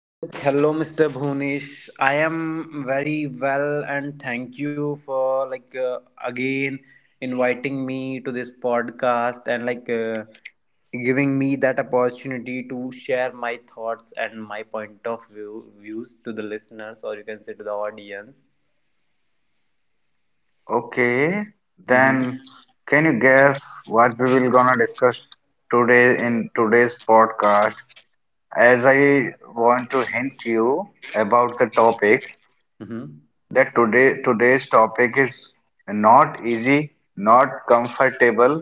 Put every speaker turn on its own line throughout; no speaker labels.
So, hello, Mr. Bhunesh. I am very well, and thank you for again inviting me to this podcast and giving me that opportunity to share my thoughts and my point of view views to the listeners, or you can say to the audience.
Okay,
Mm-hmm.
then can you guess what we will gonna discuss today in today's podcast? As I want to hint you about the topic
Mm-hmm.
that today's topic is not easy, not comfortable,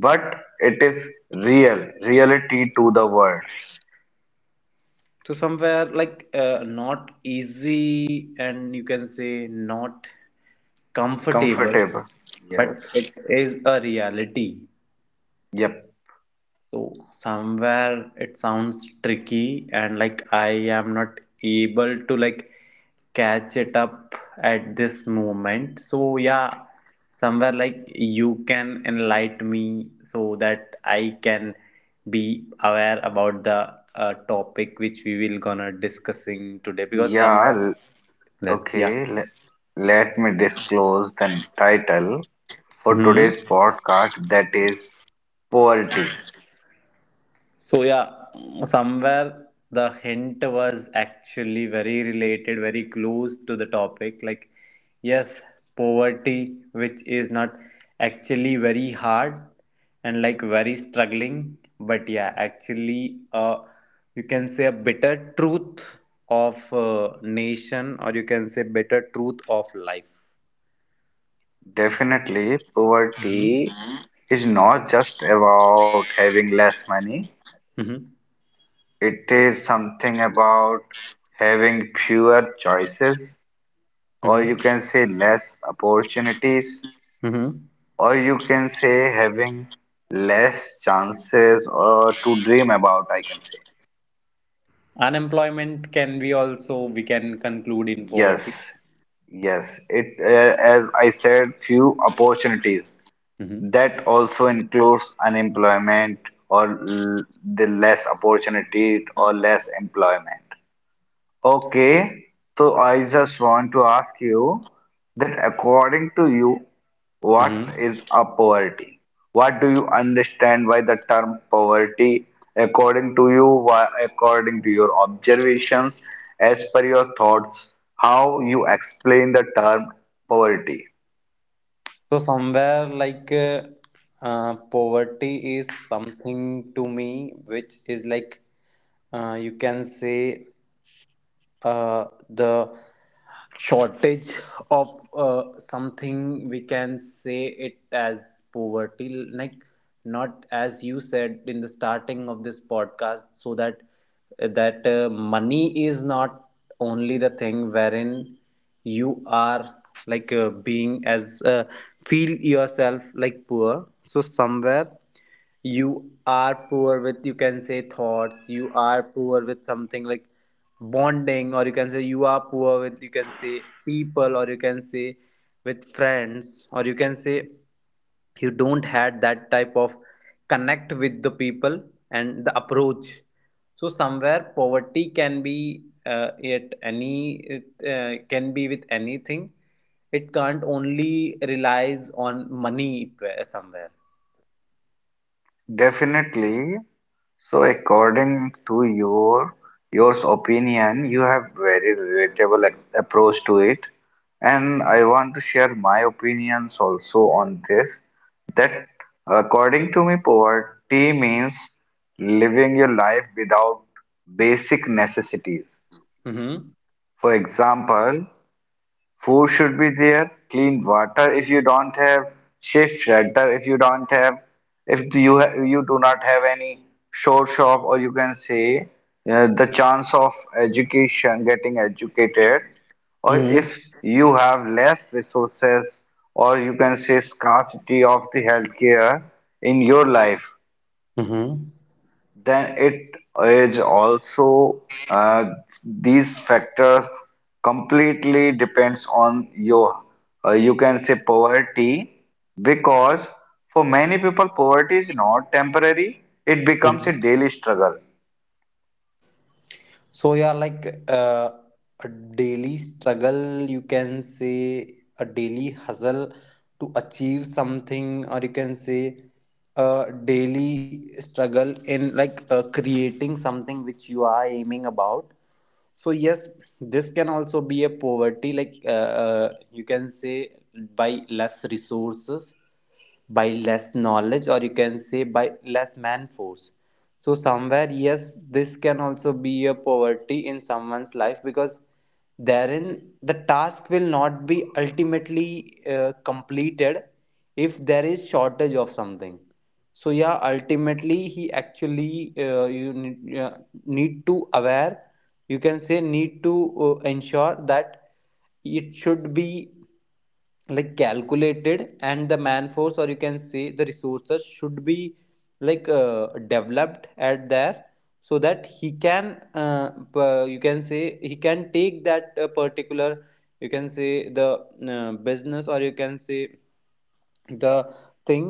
but it is reality to the world.
So somewhere not easy, and you can say not comfortable,
Comfortable.
but
Yes.
it is a reality.
Yep.
So somewhere it sounds tricky and like I am not able to like catch it up at this moment. So yeah, somewhere like you can enlighten me so that I can be aware about the topic which we will gonna discussing today because somewhere
Yeah,
let's yeah.
Okay, let me disclose the title for
Hmm.
today's podcast, that is poverty.
So yeah, somewhere the hint was actually very related, very close to the topic. Like, yes, poverty, which is not actually very hard and like very struggling, but yeah, actually, you can say a bitter truth of nation, or you can say bitter truth of life.
Definitely, poverty
Mm-hmm.
is not just about having less money,
Mm-hmm.
it is something about having fewer choices, or you can say less opportunities,
Mm-hmm.
or you can say having less chances or to dream about, I can say.
Unemployment can be also we can conclude in
Yes,
poverty.
yes. As I said, few opportunities.
Mm-hmm.
That also includes unemployment or l the less opportunity or less employment. Okay, so I just want to ask you that, according to you,
Mm-hmm.
what is a poverty? What do you understand by the term poverty? According to you, why, according to your observations, as per your thoughts, how you explain the term poverty?
So somewhere poverty is something to me which is like you can say the shortage of something we can say it as poverty like not as you said in the starting of this podcast so that money is not only the thing wherein you are being as feel yourself like poor, so somewhere you are poor with you can say thoughts, you are poor with something like bonding, or you can say you are poor with you can say people, or you can say with friends, or you can say you don't had that type of connect with the people and the approach. So somewhere poverty can be at any it can be with anything, it can't only relies on money, somewhere
Definitely. So, according to your yours opinion, you have very relatable approach to it, and I want to share my opinions also on this. That according to me, poverty means living your life without basic necessities.
mm-hmm.
For example, food should be there, clean water if you don't have, safe shelter if you don't have, if you ha you do not have any source of, or you can say, the chance of education, getting educated, or
Mm-hmm.
if you have less resources, or you can say scarcity of the healthcare in your life,
Mm-hmm.
then it is also uh, these factors completely depends on your you can say poverty, because for many people poverty is not temporary, it becomes a daily struggle.
So yeah, a daily struggle, you can say a daily hustle to achieve something, or you can say a daily struggle in creating something which you are aiming about. So yes, this can also be a poverty, you can say by less resources, by less knowledge, or you can say by less man force. So somewhere yes, this can also be a poverty in someone's life because therein the task will not be ultimately completed if there is shortage of something. So yeah, ultimately he actually you need to aware, you can say need to ensure that it should be like calculated, and the man force, or you can say the resources should be developed at there, so that he can you can say he can take that particular, you can say the business, or you can say the thing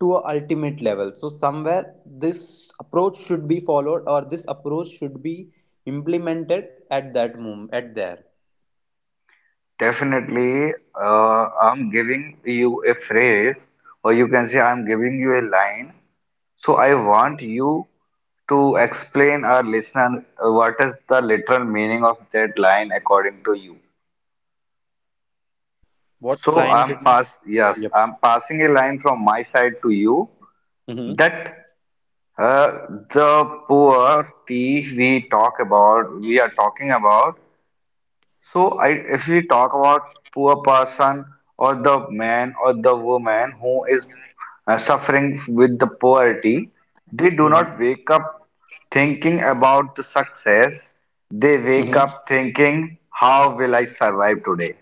to a ultimate level. So somewhere this approach should be followed, or this approach should be implemented at that moment at there.
Definitely, I'm giving you a phrase, or you can say I'm giving you a line, so I want you to explain our listener what is the literal meaning of that line according to you.
What
So
line can
I'm
you?
pass Yes,
Yep.
I'm passing a line from my side to you,
Mm-hmm.
that uh, the poverty we are talking about. So if we talk about poor person, or the man or the woman who is suffering with the poverty, they do
Mm-hmm.
not wake up thinking about the success. They wake
Mhm.
up thinking, how will I survive today?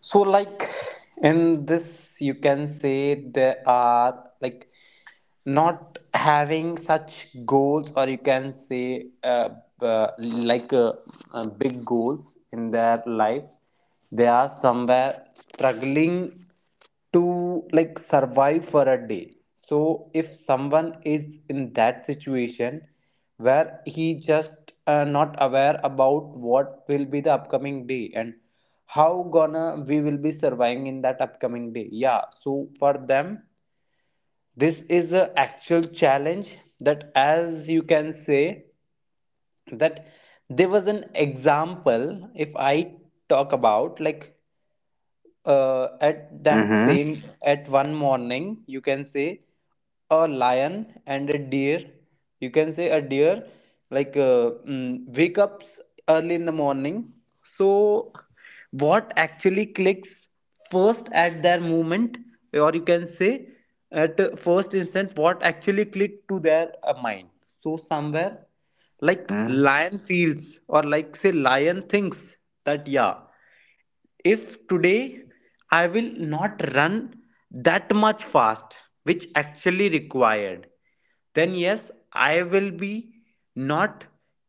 So, like in this, you can say there are like not having such goals, or you can say uh, like uh, big goals in their life. They are somewhere struggling to like survive for a day. So if someone is in that situation where he just not aware about what will be the upcoming day and how gonna we will be surviving in that upcoming day, yeah, so for them this is the actual challenge. That as you can say, that there was an example if I talk about at that
Mm-hmm.
same at one morning you can say a lion and a deer, you can say a deer wake up early in the morning. So what actually clicks first at their movement, or you can say at first instant what actually clicked to their mind. So somewhere like
Mm.
lion feels, or like say lion thinks that yeah, if today I will not run that much fast which actually required, then yes, I will be not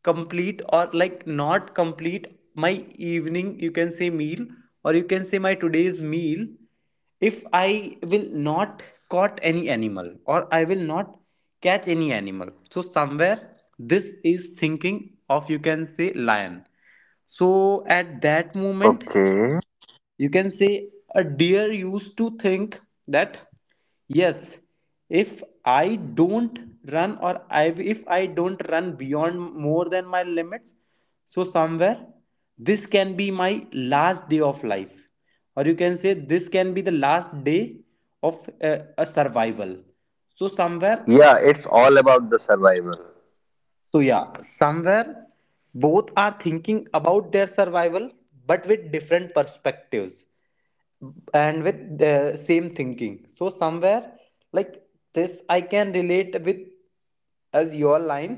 complete, or like not complete my evening you can say meal, or you can say my today's meal, if I will not caught any animal, or I will not catch any animal. So somewhere this is thinking of you can say lion. So at that moment
Okay.
you can say a deer used to think that yes, if I don't run or I, if I don't run beyond more than my limits, so somewhere this can be my last day of life, or you can say this can be the last day of a survival. So somewhere,
Yeah, it's all about the survival.
so yeah, somewhere both are thinking about their survival, but with different perspectives and with the same thinking. So somewhere like this I can relate with as your line,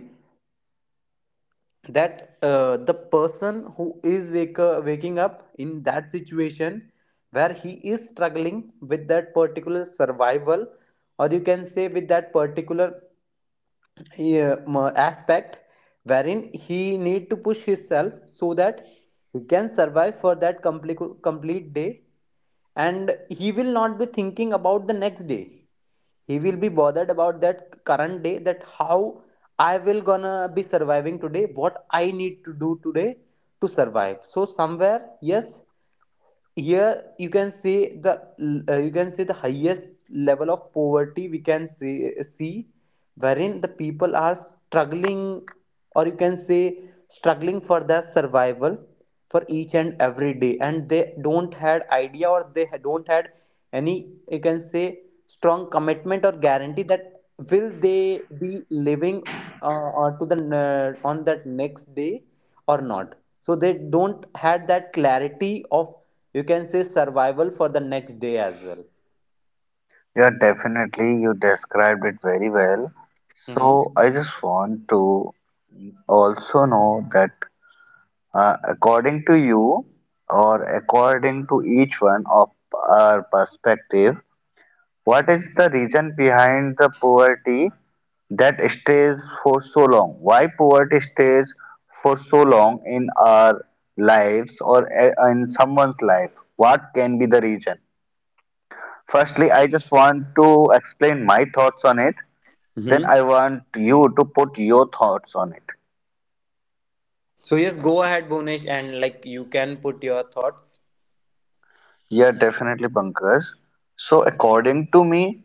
that the person who is waking up in that situation where he is struggling with that particular survival, or you can say with that particular aspect, wherein he need to push himself so that he can survive for that complete day, and he will not be thinking about the next day. He will be bothered about that current day, that how I will gonna be surviving today, what I need to do today to survive. So somewhere yes, here you can say the you can say the highest level of poverty we can see, wherein the people are struggling, or you can say struggling for their survival for each and every day, and they don't had idea, or they don't had any you can say strong commitment or guarantee that will they be living uh, or to on that next day or not. So they don't had that clarity of you can say survival for the next day as well.
Yeah, definitely. You described it very well.
Mm-hmm.
So I just want to also know that, according to you or according to each one of our perspective, what is the reason behind the poverty that stays for so long? Why poverty stays for so long in our lives, or in someone's life? What can be the reason? Firstly, I just want to explain my thoughts on it. Then
Hmm.
I want you to put your thoughts on it.
So yes, go ahead Bonish, and like you can put your thoughts.
Yeah, definitely, Pankaj. So, according to me,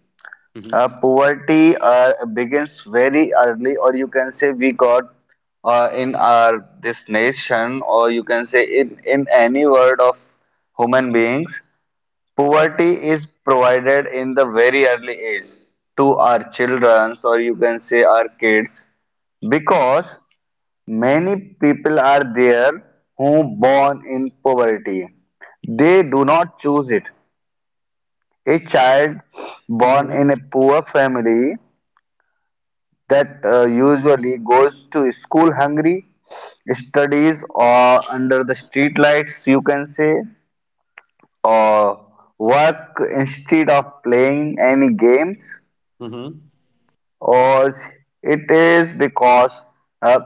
Mm-hmm.
poverty begins very early, or you can say we got in our this nation, or you can say in any world of human beings, poverty is provided in the very early age to our childrens, or you can say our kids, because many people are there who born in poverty. They do not choose it. A child born in
Hmm.
a poor family, that usually goes to school hungry, studies or under the street lights, you can say, or work instead of playing any games.
Hmm.
Or it is because uh,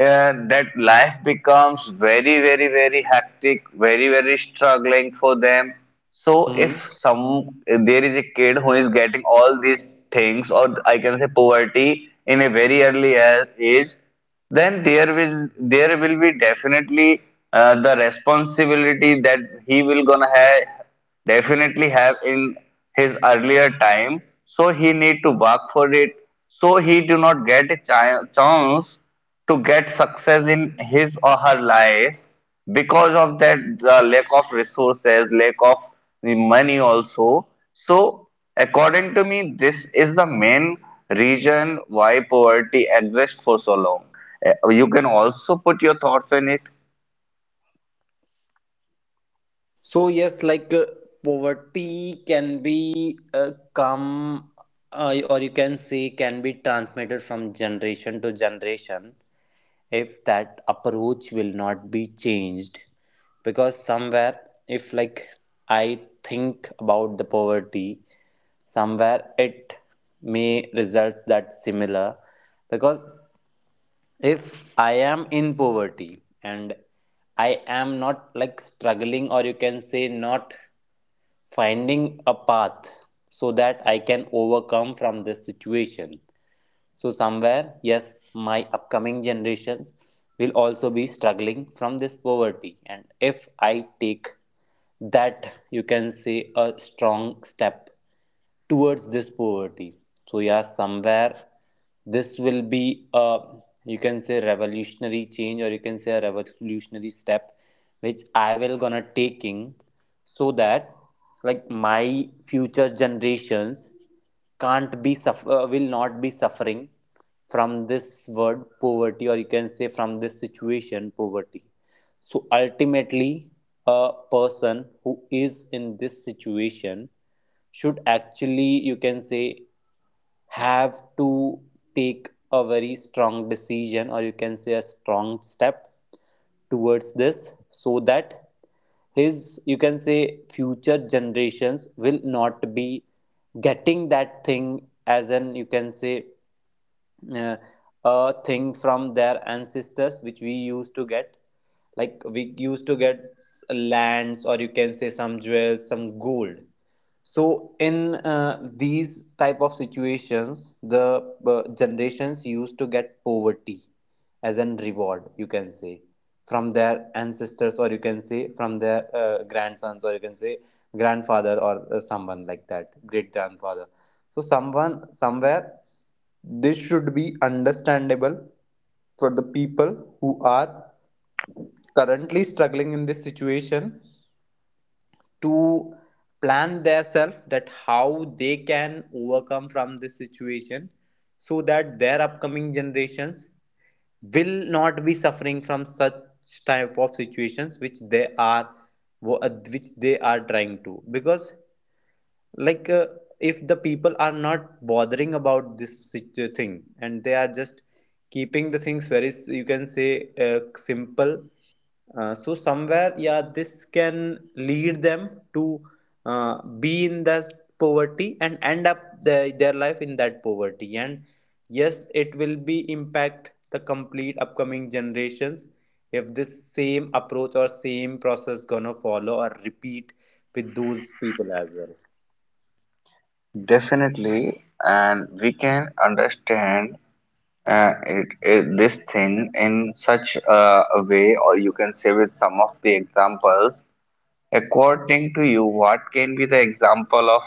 that life becomes very hectic, very struggling for them. So
Hmm.
if there is a kid who is getting all these things, or I can say poverty in a very early age, then there will be definitely the responsibility that he will gonna have, definitely have in his earlier time, so he need to work for it, so he do not get a chance to get success in his or her life because of that lack of resources, lack of the money also. So according to me, this is the main reason why poverty exists for so long. Uh, you can also put your thoughts in it.
So yes, poverty can be come or you can say can be transmitted from generation to generation if that approach will not be changed, because somewhere if like I think about the poverty, somewhere it may results that similar, because if I am in poverty and I am not like struggling, or you can say not finding a path so that I can overcome from this situation, so, somewhere, yes, my upcoming generations will also be struggling from this poverty. And if I take that, you can say, a strong step towards this poverty. So, yeah, somewhere this will be a you can say revolutionary change, or you can say a revolutionary step which I will gonna taking, so that like my future generations can't be suffer will not be suffering from this word poverty, or you can say from this situation poverty. So ultimately a person who is in this situation should actually you can say have to take a very strong decision, or you can say a strong step towards this, so that his you can say future generations will not be getting that thing as an you can say uh, a thing from their ancestors which we used to get, like we used to get lands, or you can say some jewels, some gold. So in these type of situations the generations used to get poverty as an reward you can say from their ancestors, or you can say from their grandsons, or you can say grandfather, or someone like that great grandfather. So someone somewhere this should be understandable for the people who are currently struggling in this situation to plan themselves that how they can overcome from this situation, so that their upcoming generations will not be suffering from such type of situations which they are trying to, because like uh, if the people are not bothering about this thing, and they are just keeping the things very you can say simple, so somewhere yeah, this can lead them to be in that poverty and end up their life in that poverty, and yes it will be impact the complete upcoming generations if this same approach or same process gonna follow or repeat with those people as well.
Definitely, and we can understand this thing in such a way, or you can say with some of the examples. According to you, what can be the example of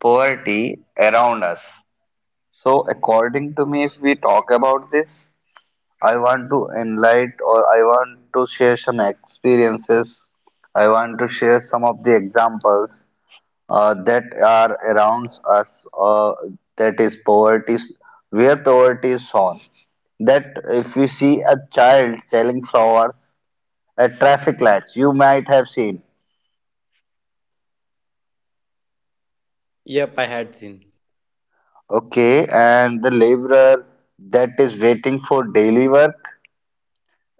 poverty around us? So, according to me, if we talk about this, I want to enlighten, or I want to share some experiences, I want to share some of the examples that are around us, that is poverty, where poverty is shown. That if we see a child selling flowers at traffic lights, you might have seen.
Yep, I had seen.
Okay, and the laborer that is waiting for daily work,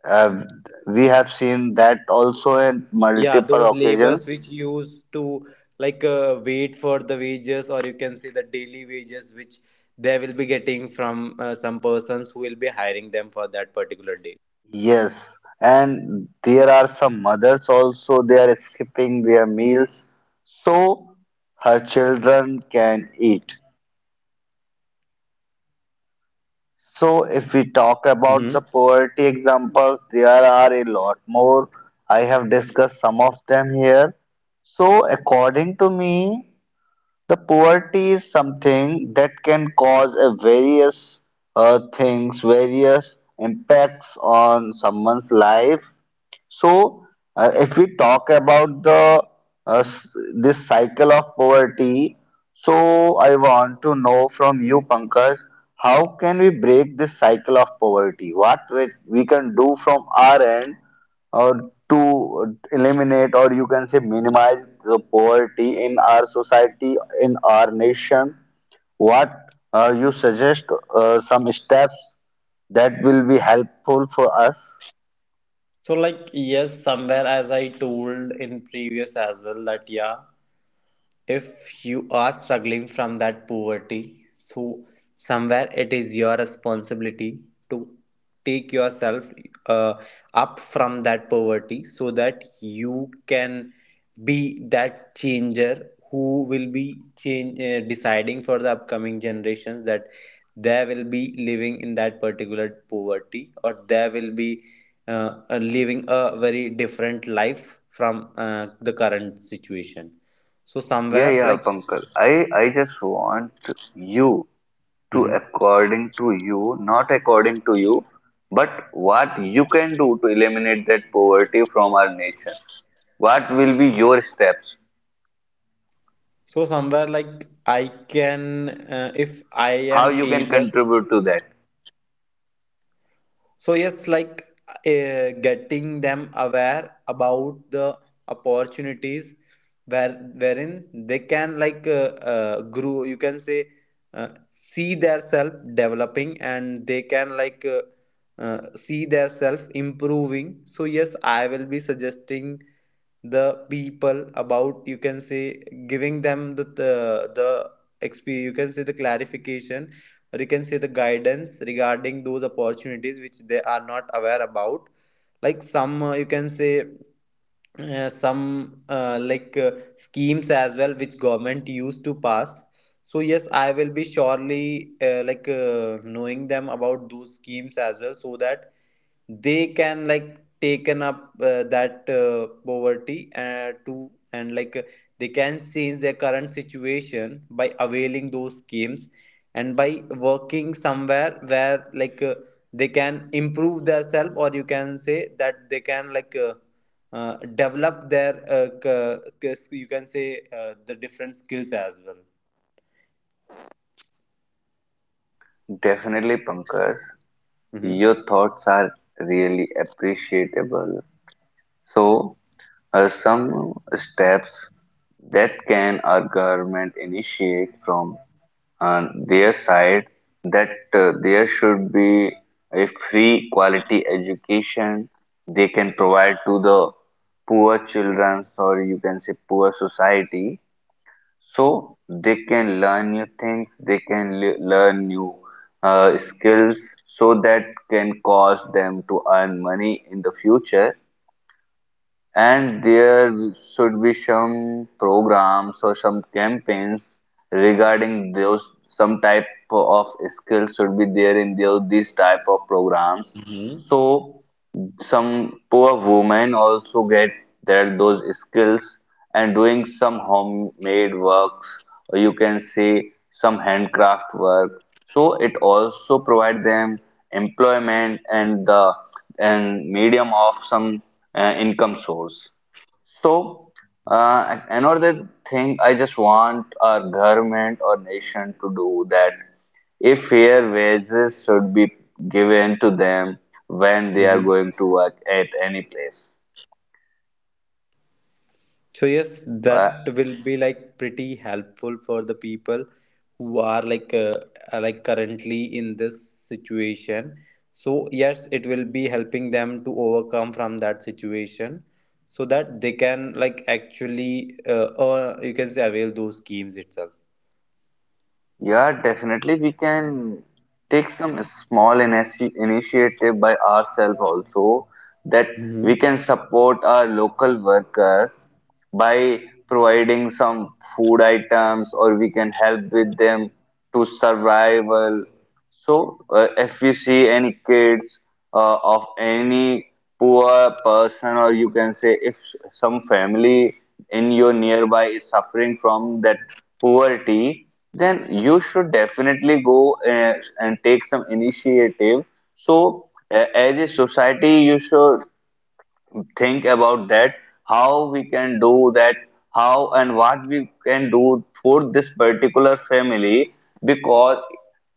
uh, we have seen that also in
Yeah,
multiple
those labors
occasions.
which used to wait for the wages, or you can say the daily wages which they will be getting from some persons who will be hiring them for that particular day.
Yes, and there are some mothers also, they are skipping their meals so her children can eat. So, if we talk about the
Hmm.
poverty examples, there are a lot more. I have discussed some of them here. So, according to me, the poverty is something that can cause a various things, various impacts on someone's life. So, if we talk about the uh, s- this cycle of poverty, so I want to know from you, Pankaj, how can we break this cycle of poverty? What we can do from our end, or to eliminate, or you can say minimize the poverty in our society, in our nation? What you suggest some steps that will be helpful for us?
So, like, yes, somewhere as I told in previous as well, that yeah. If you are struggling from that poverty, so somewhere it is your responsibility to take yourself uh, up from that poverty, so that you can be that changer who will be change, deciding for the upcoming generations that they will be living in that particular poverty, or they will be living a very different life from the current situation. So somewhere
Yet
like
you
hmm
not to you, but what you can do to eliminate that poverty from our nation. What will be your steps?
so somewhere like I can if I
How
am
you can
able.
contribute to that?
So yes, like getting them aware about the opportunities wherein they can like grow. You can say see their self developing, and they can like. See their self improving. So yes, I will be suggesting the people about, you can say, giving them the you can say the clarification, or you can say the guidance regarding those opportunities which they are not aware about, like some you can say some like schemes as well which government used to pass. So yes, I will be surely like knowing them about those schemes as well, so that they can like taken up that poverty to, and like they can change their current situation by availing those schemes and by working somewhere where like they can improve themselves, or you can say that they can like develop their you can say the different skills as well.
Definitely, Pankaj,
Mm-hmm.
your thoughts are really appreciable. So, some steps that can our government initiate from their side, that there should be a free quality education they can provide to the poor children, or you can say poor society, so they can learn new things, they can learn new skills, so that can cause them to earn money in the future. And there should be some programs or some campaigns regarding those, some type of skills should be there in these type of programs. So some poor women also get their those skills and doing some homemade works, or you can say some handcraft work. So it also provide them employment and the and medium of some income source. So, another thing I just want our government or nation to do, that if fair wages should be given to them when they are
Mm-hmm.
going to work at any place.
So yes, that
Uh,
will be like pretty helpful for the people who are like are, like, currently in this situation. So yes, it will be helping them to overcome from that situation, so that they can like actually you can say avail those schemes itself.
Yeah, definitely we can take some small initiative by ourselves also, that
Hmm.
we can support our local workers by providing some food items, or we can help with them to survival. So, if you see any kids of any poor person, or you can say if some family in your nearby is suffering from that poverty, then you should definitely go and take some initiative. So, as a society, you should think about that, how we can do that, how and what we can do for this particular family, because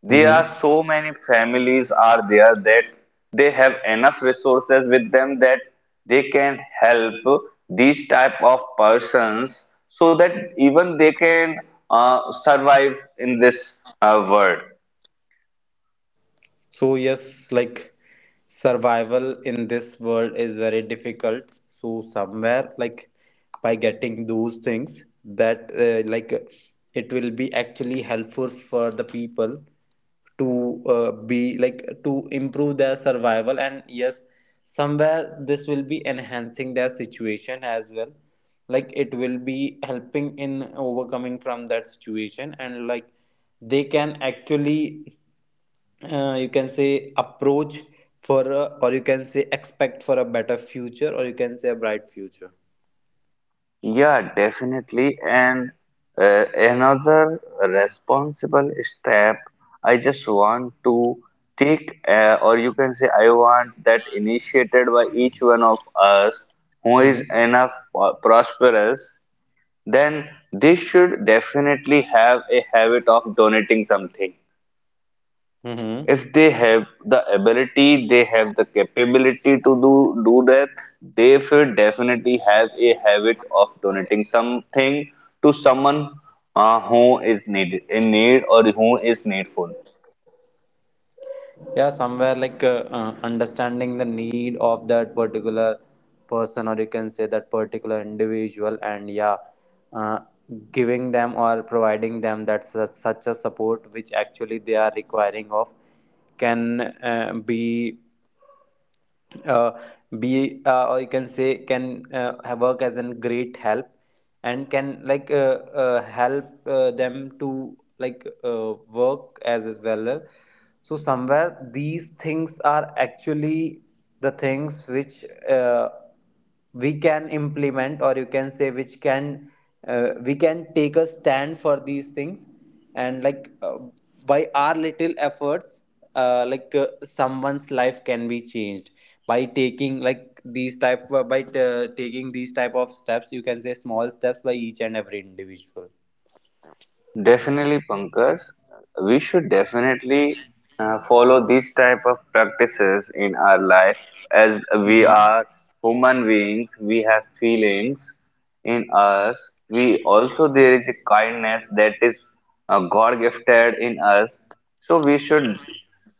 there are
Mm-hmm.
so many families are there that they have enough resources with them, that they can help these type of persons, so that even they can survive in this world.
So yes, like survival in this world is very difficult. So somewhere like, by getting those things that like it will be actually helpful for the people to be like to improve their survival. And yes, somewhere this will be enhancing their situation as well, like it will be helping in overcoming from that situation, and like they can actually you can say approach for a, or you can say expect for a better future, or you can say a bright future.
Yeah, definitely. And another responsible step I just want to take, or you can say, I want that initiated by each one of us who is
Mm-hmm.
enough prosperous, then they should definitely have a habit of donating something
Mm-hmm.
if they have the ability, they have the capability to do that, they should definitely have a habit of donating something to someone who is need, or who is needful.
Yeah, somewhere like understanding the need of that particular person, or you can say that particular individual. And yeah, uh, giving them or providing them that such, such a support which actually they are requiring of, can be uh, or you can say can have work as a great help, and can like help them to like work as well. So somewhere these things are actually the things which we can implement, or you can say which can we can take a stand for these things. And like by our little efforts, like someone's life can be changed by taking like these type by taking these type of steps, you can say small steps, by each and every individual.
Definitely, Pankaj. We should definitely follow these type of practices in our life. As we
Mm-hmm.
are human beings, we have feelings in us. We also there is a kindness that is God gifted in us. So we should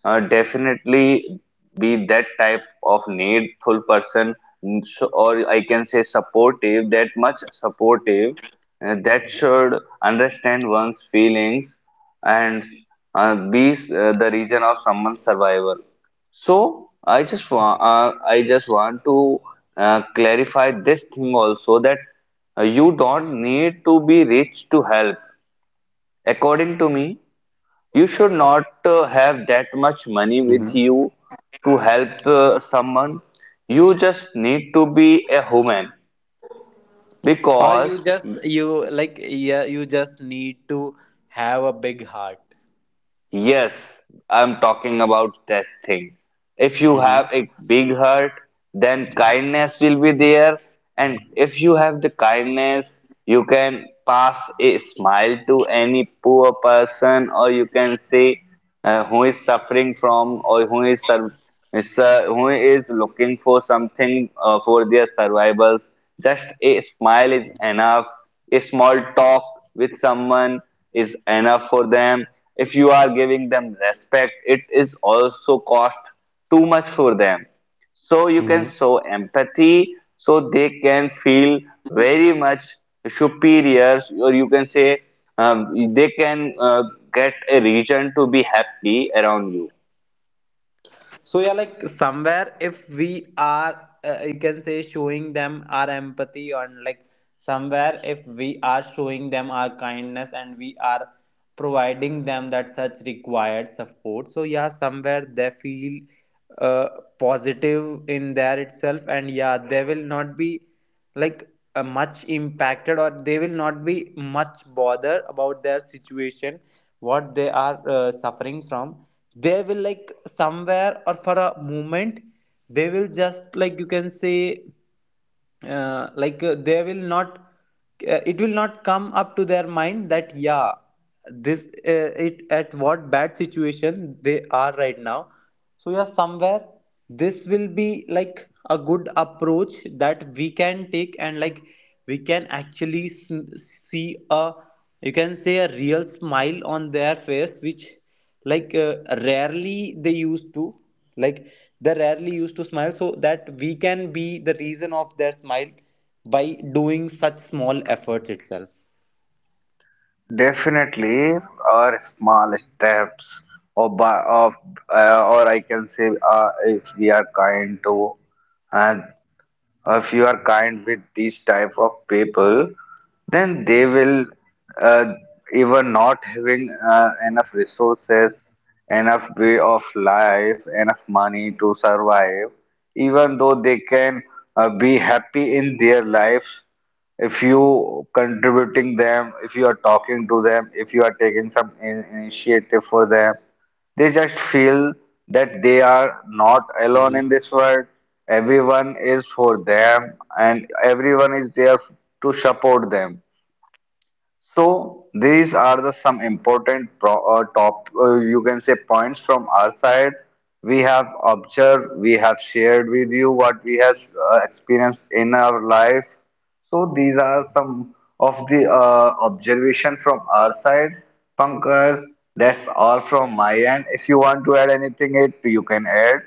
definitely be that type of needful person, mm, so, or I can say supportive, that much supportive, that should understand one's feelings, and be the reason of someone's survival. So I just want to clarify this thing also, that you don't need to be rich to help. According to me, you should not have that much money with
Mm-hmm.
you to help someone. You just need to be a human,
Or
because
you just you like, yeah, you just need to have a big heart.
Yes, I'm talking about that thing. If you
Mm-hmm.
have a big heart, then kindness will be there. And if you have the kindness, you can pass a smile to any poor person, or you can say who is suffering from, or who is sur- is, who is looking for something for their survivals. Just a smile is enough, a small talk with someone is enough for them, if you are giving them respect it is also cost too much for them, so you can show empathy so they can feel very much superior, or you can say um, they can get a reason to be happy around you.
So yeah, like somewhere if we are you can say showing them our empathy, and like somewhere if we are showing them our kindness, and we are providing them that such required support, so yeah somewhere they feel uh, positive in there itself. And yeah, they will not be like much impacted, or they will not be much bother about their situation what they are suffering from. They will like somewhere or for a moment, they will just like you can say like they will not it will not come up to their mind that yeah, this it at what bad situation they are right now. So yeah, somewhere this will be like a good approach that we can take. And like we can actually see a, you can say, a real smile on their face, which like rarely they used to like, they rarely used to smile, so that we can be the reason of their smile by doing such small efforts itself.
Definitely are small steps, or by of or I can say if we are kind to, and if you are kind with these type of people, then they will uh, even not having enough resources, enough way of life, enough money to survive, even though they can be happy in their life, if you contributing them, if you are talking to them, if you are taking some initiative for them, they just feel that they are not alone in this world. Everyone is for them and everyone is there to support them. So these are the some important top you can say points from our side. We have observed, we have shared with you what we have experienced in our life. So these are some of the observation from our side. Pankaj, that's all from my end. If you want to add anything, it you can add.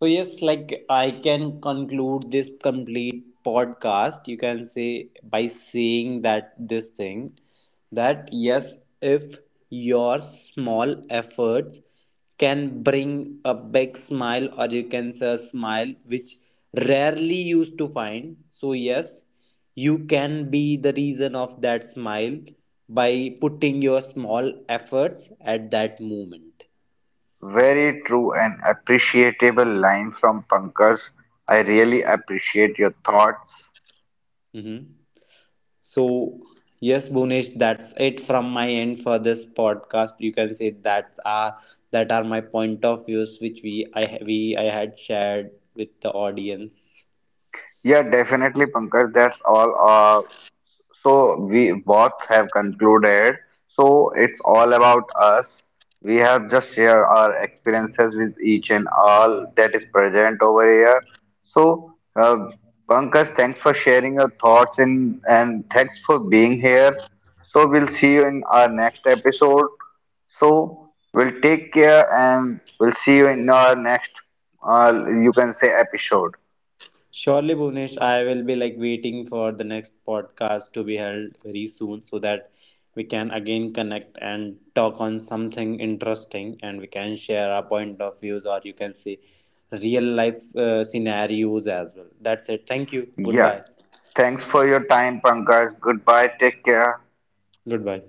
So yes, like I can conclude this complete podcast, you can say, by saying that this thing, that yes, if your small efforts can bring a big smile, or you can say a smile which rarely used to find. So yes, you can be the reason of that smile by putting your small efforts at that moment.
Very true and appreciable line from Pankaj. I really appreciate your thoughts.
Mhm. So, yes, Bhunesh, that's it from my end for this podcast. You can say that's our, that are my point of views which we I ha- we I had shared with the audience.
Yeah, definitely, Pankaj. That's all. So we both have concluded. So it's all about us. We have just shared our experiences with each and all that is present over here. So, Pankaj, thanks for sharing your thoughts in, and thanks for being here. So we'll see you in our next episode. So we'll take care and we'll see you in our next, uh, you can say, episode.
Surely, Bhunesh, I will be like waiting for the next podcast to be held very soon, so that we can again connect and talk on something interesting, and we can share our point of views, or you can say real life scenarios as well. That's it. Thank you.
Yeah.
Goodbye.
Thanks for your time, Pankaj. Goodbye. Take care.
Goodbye.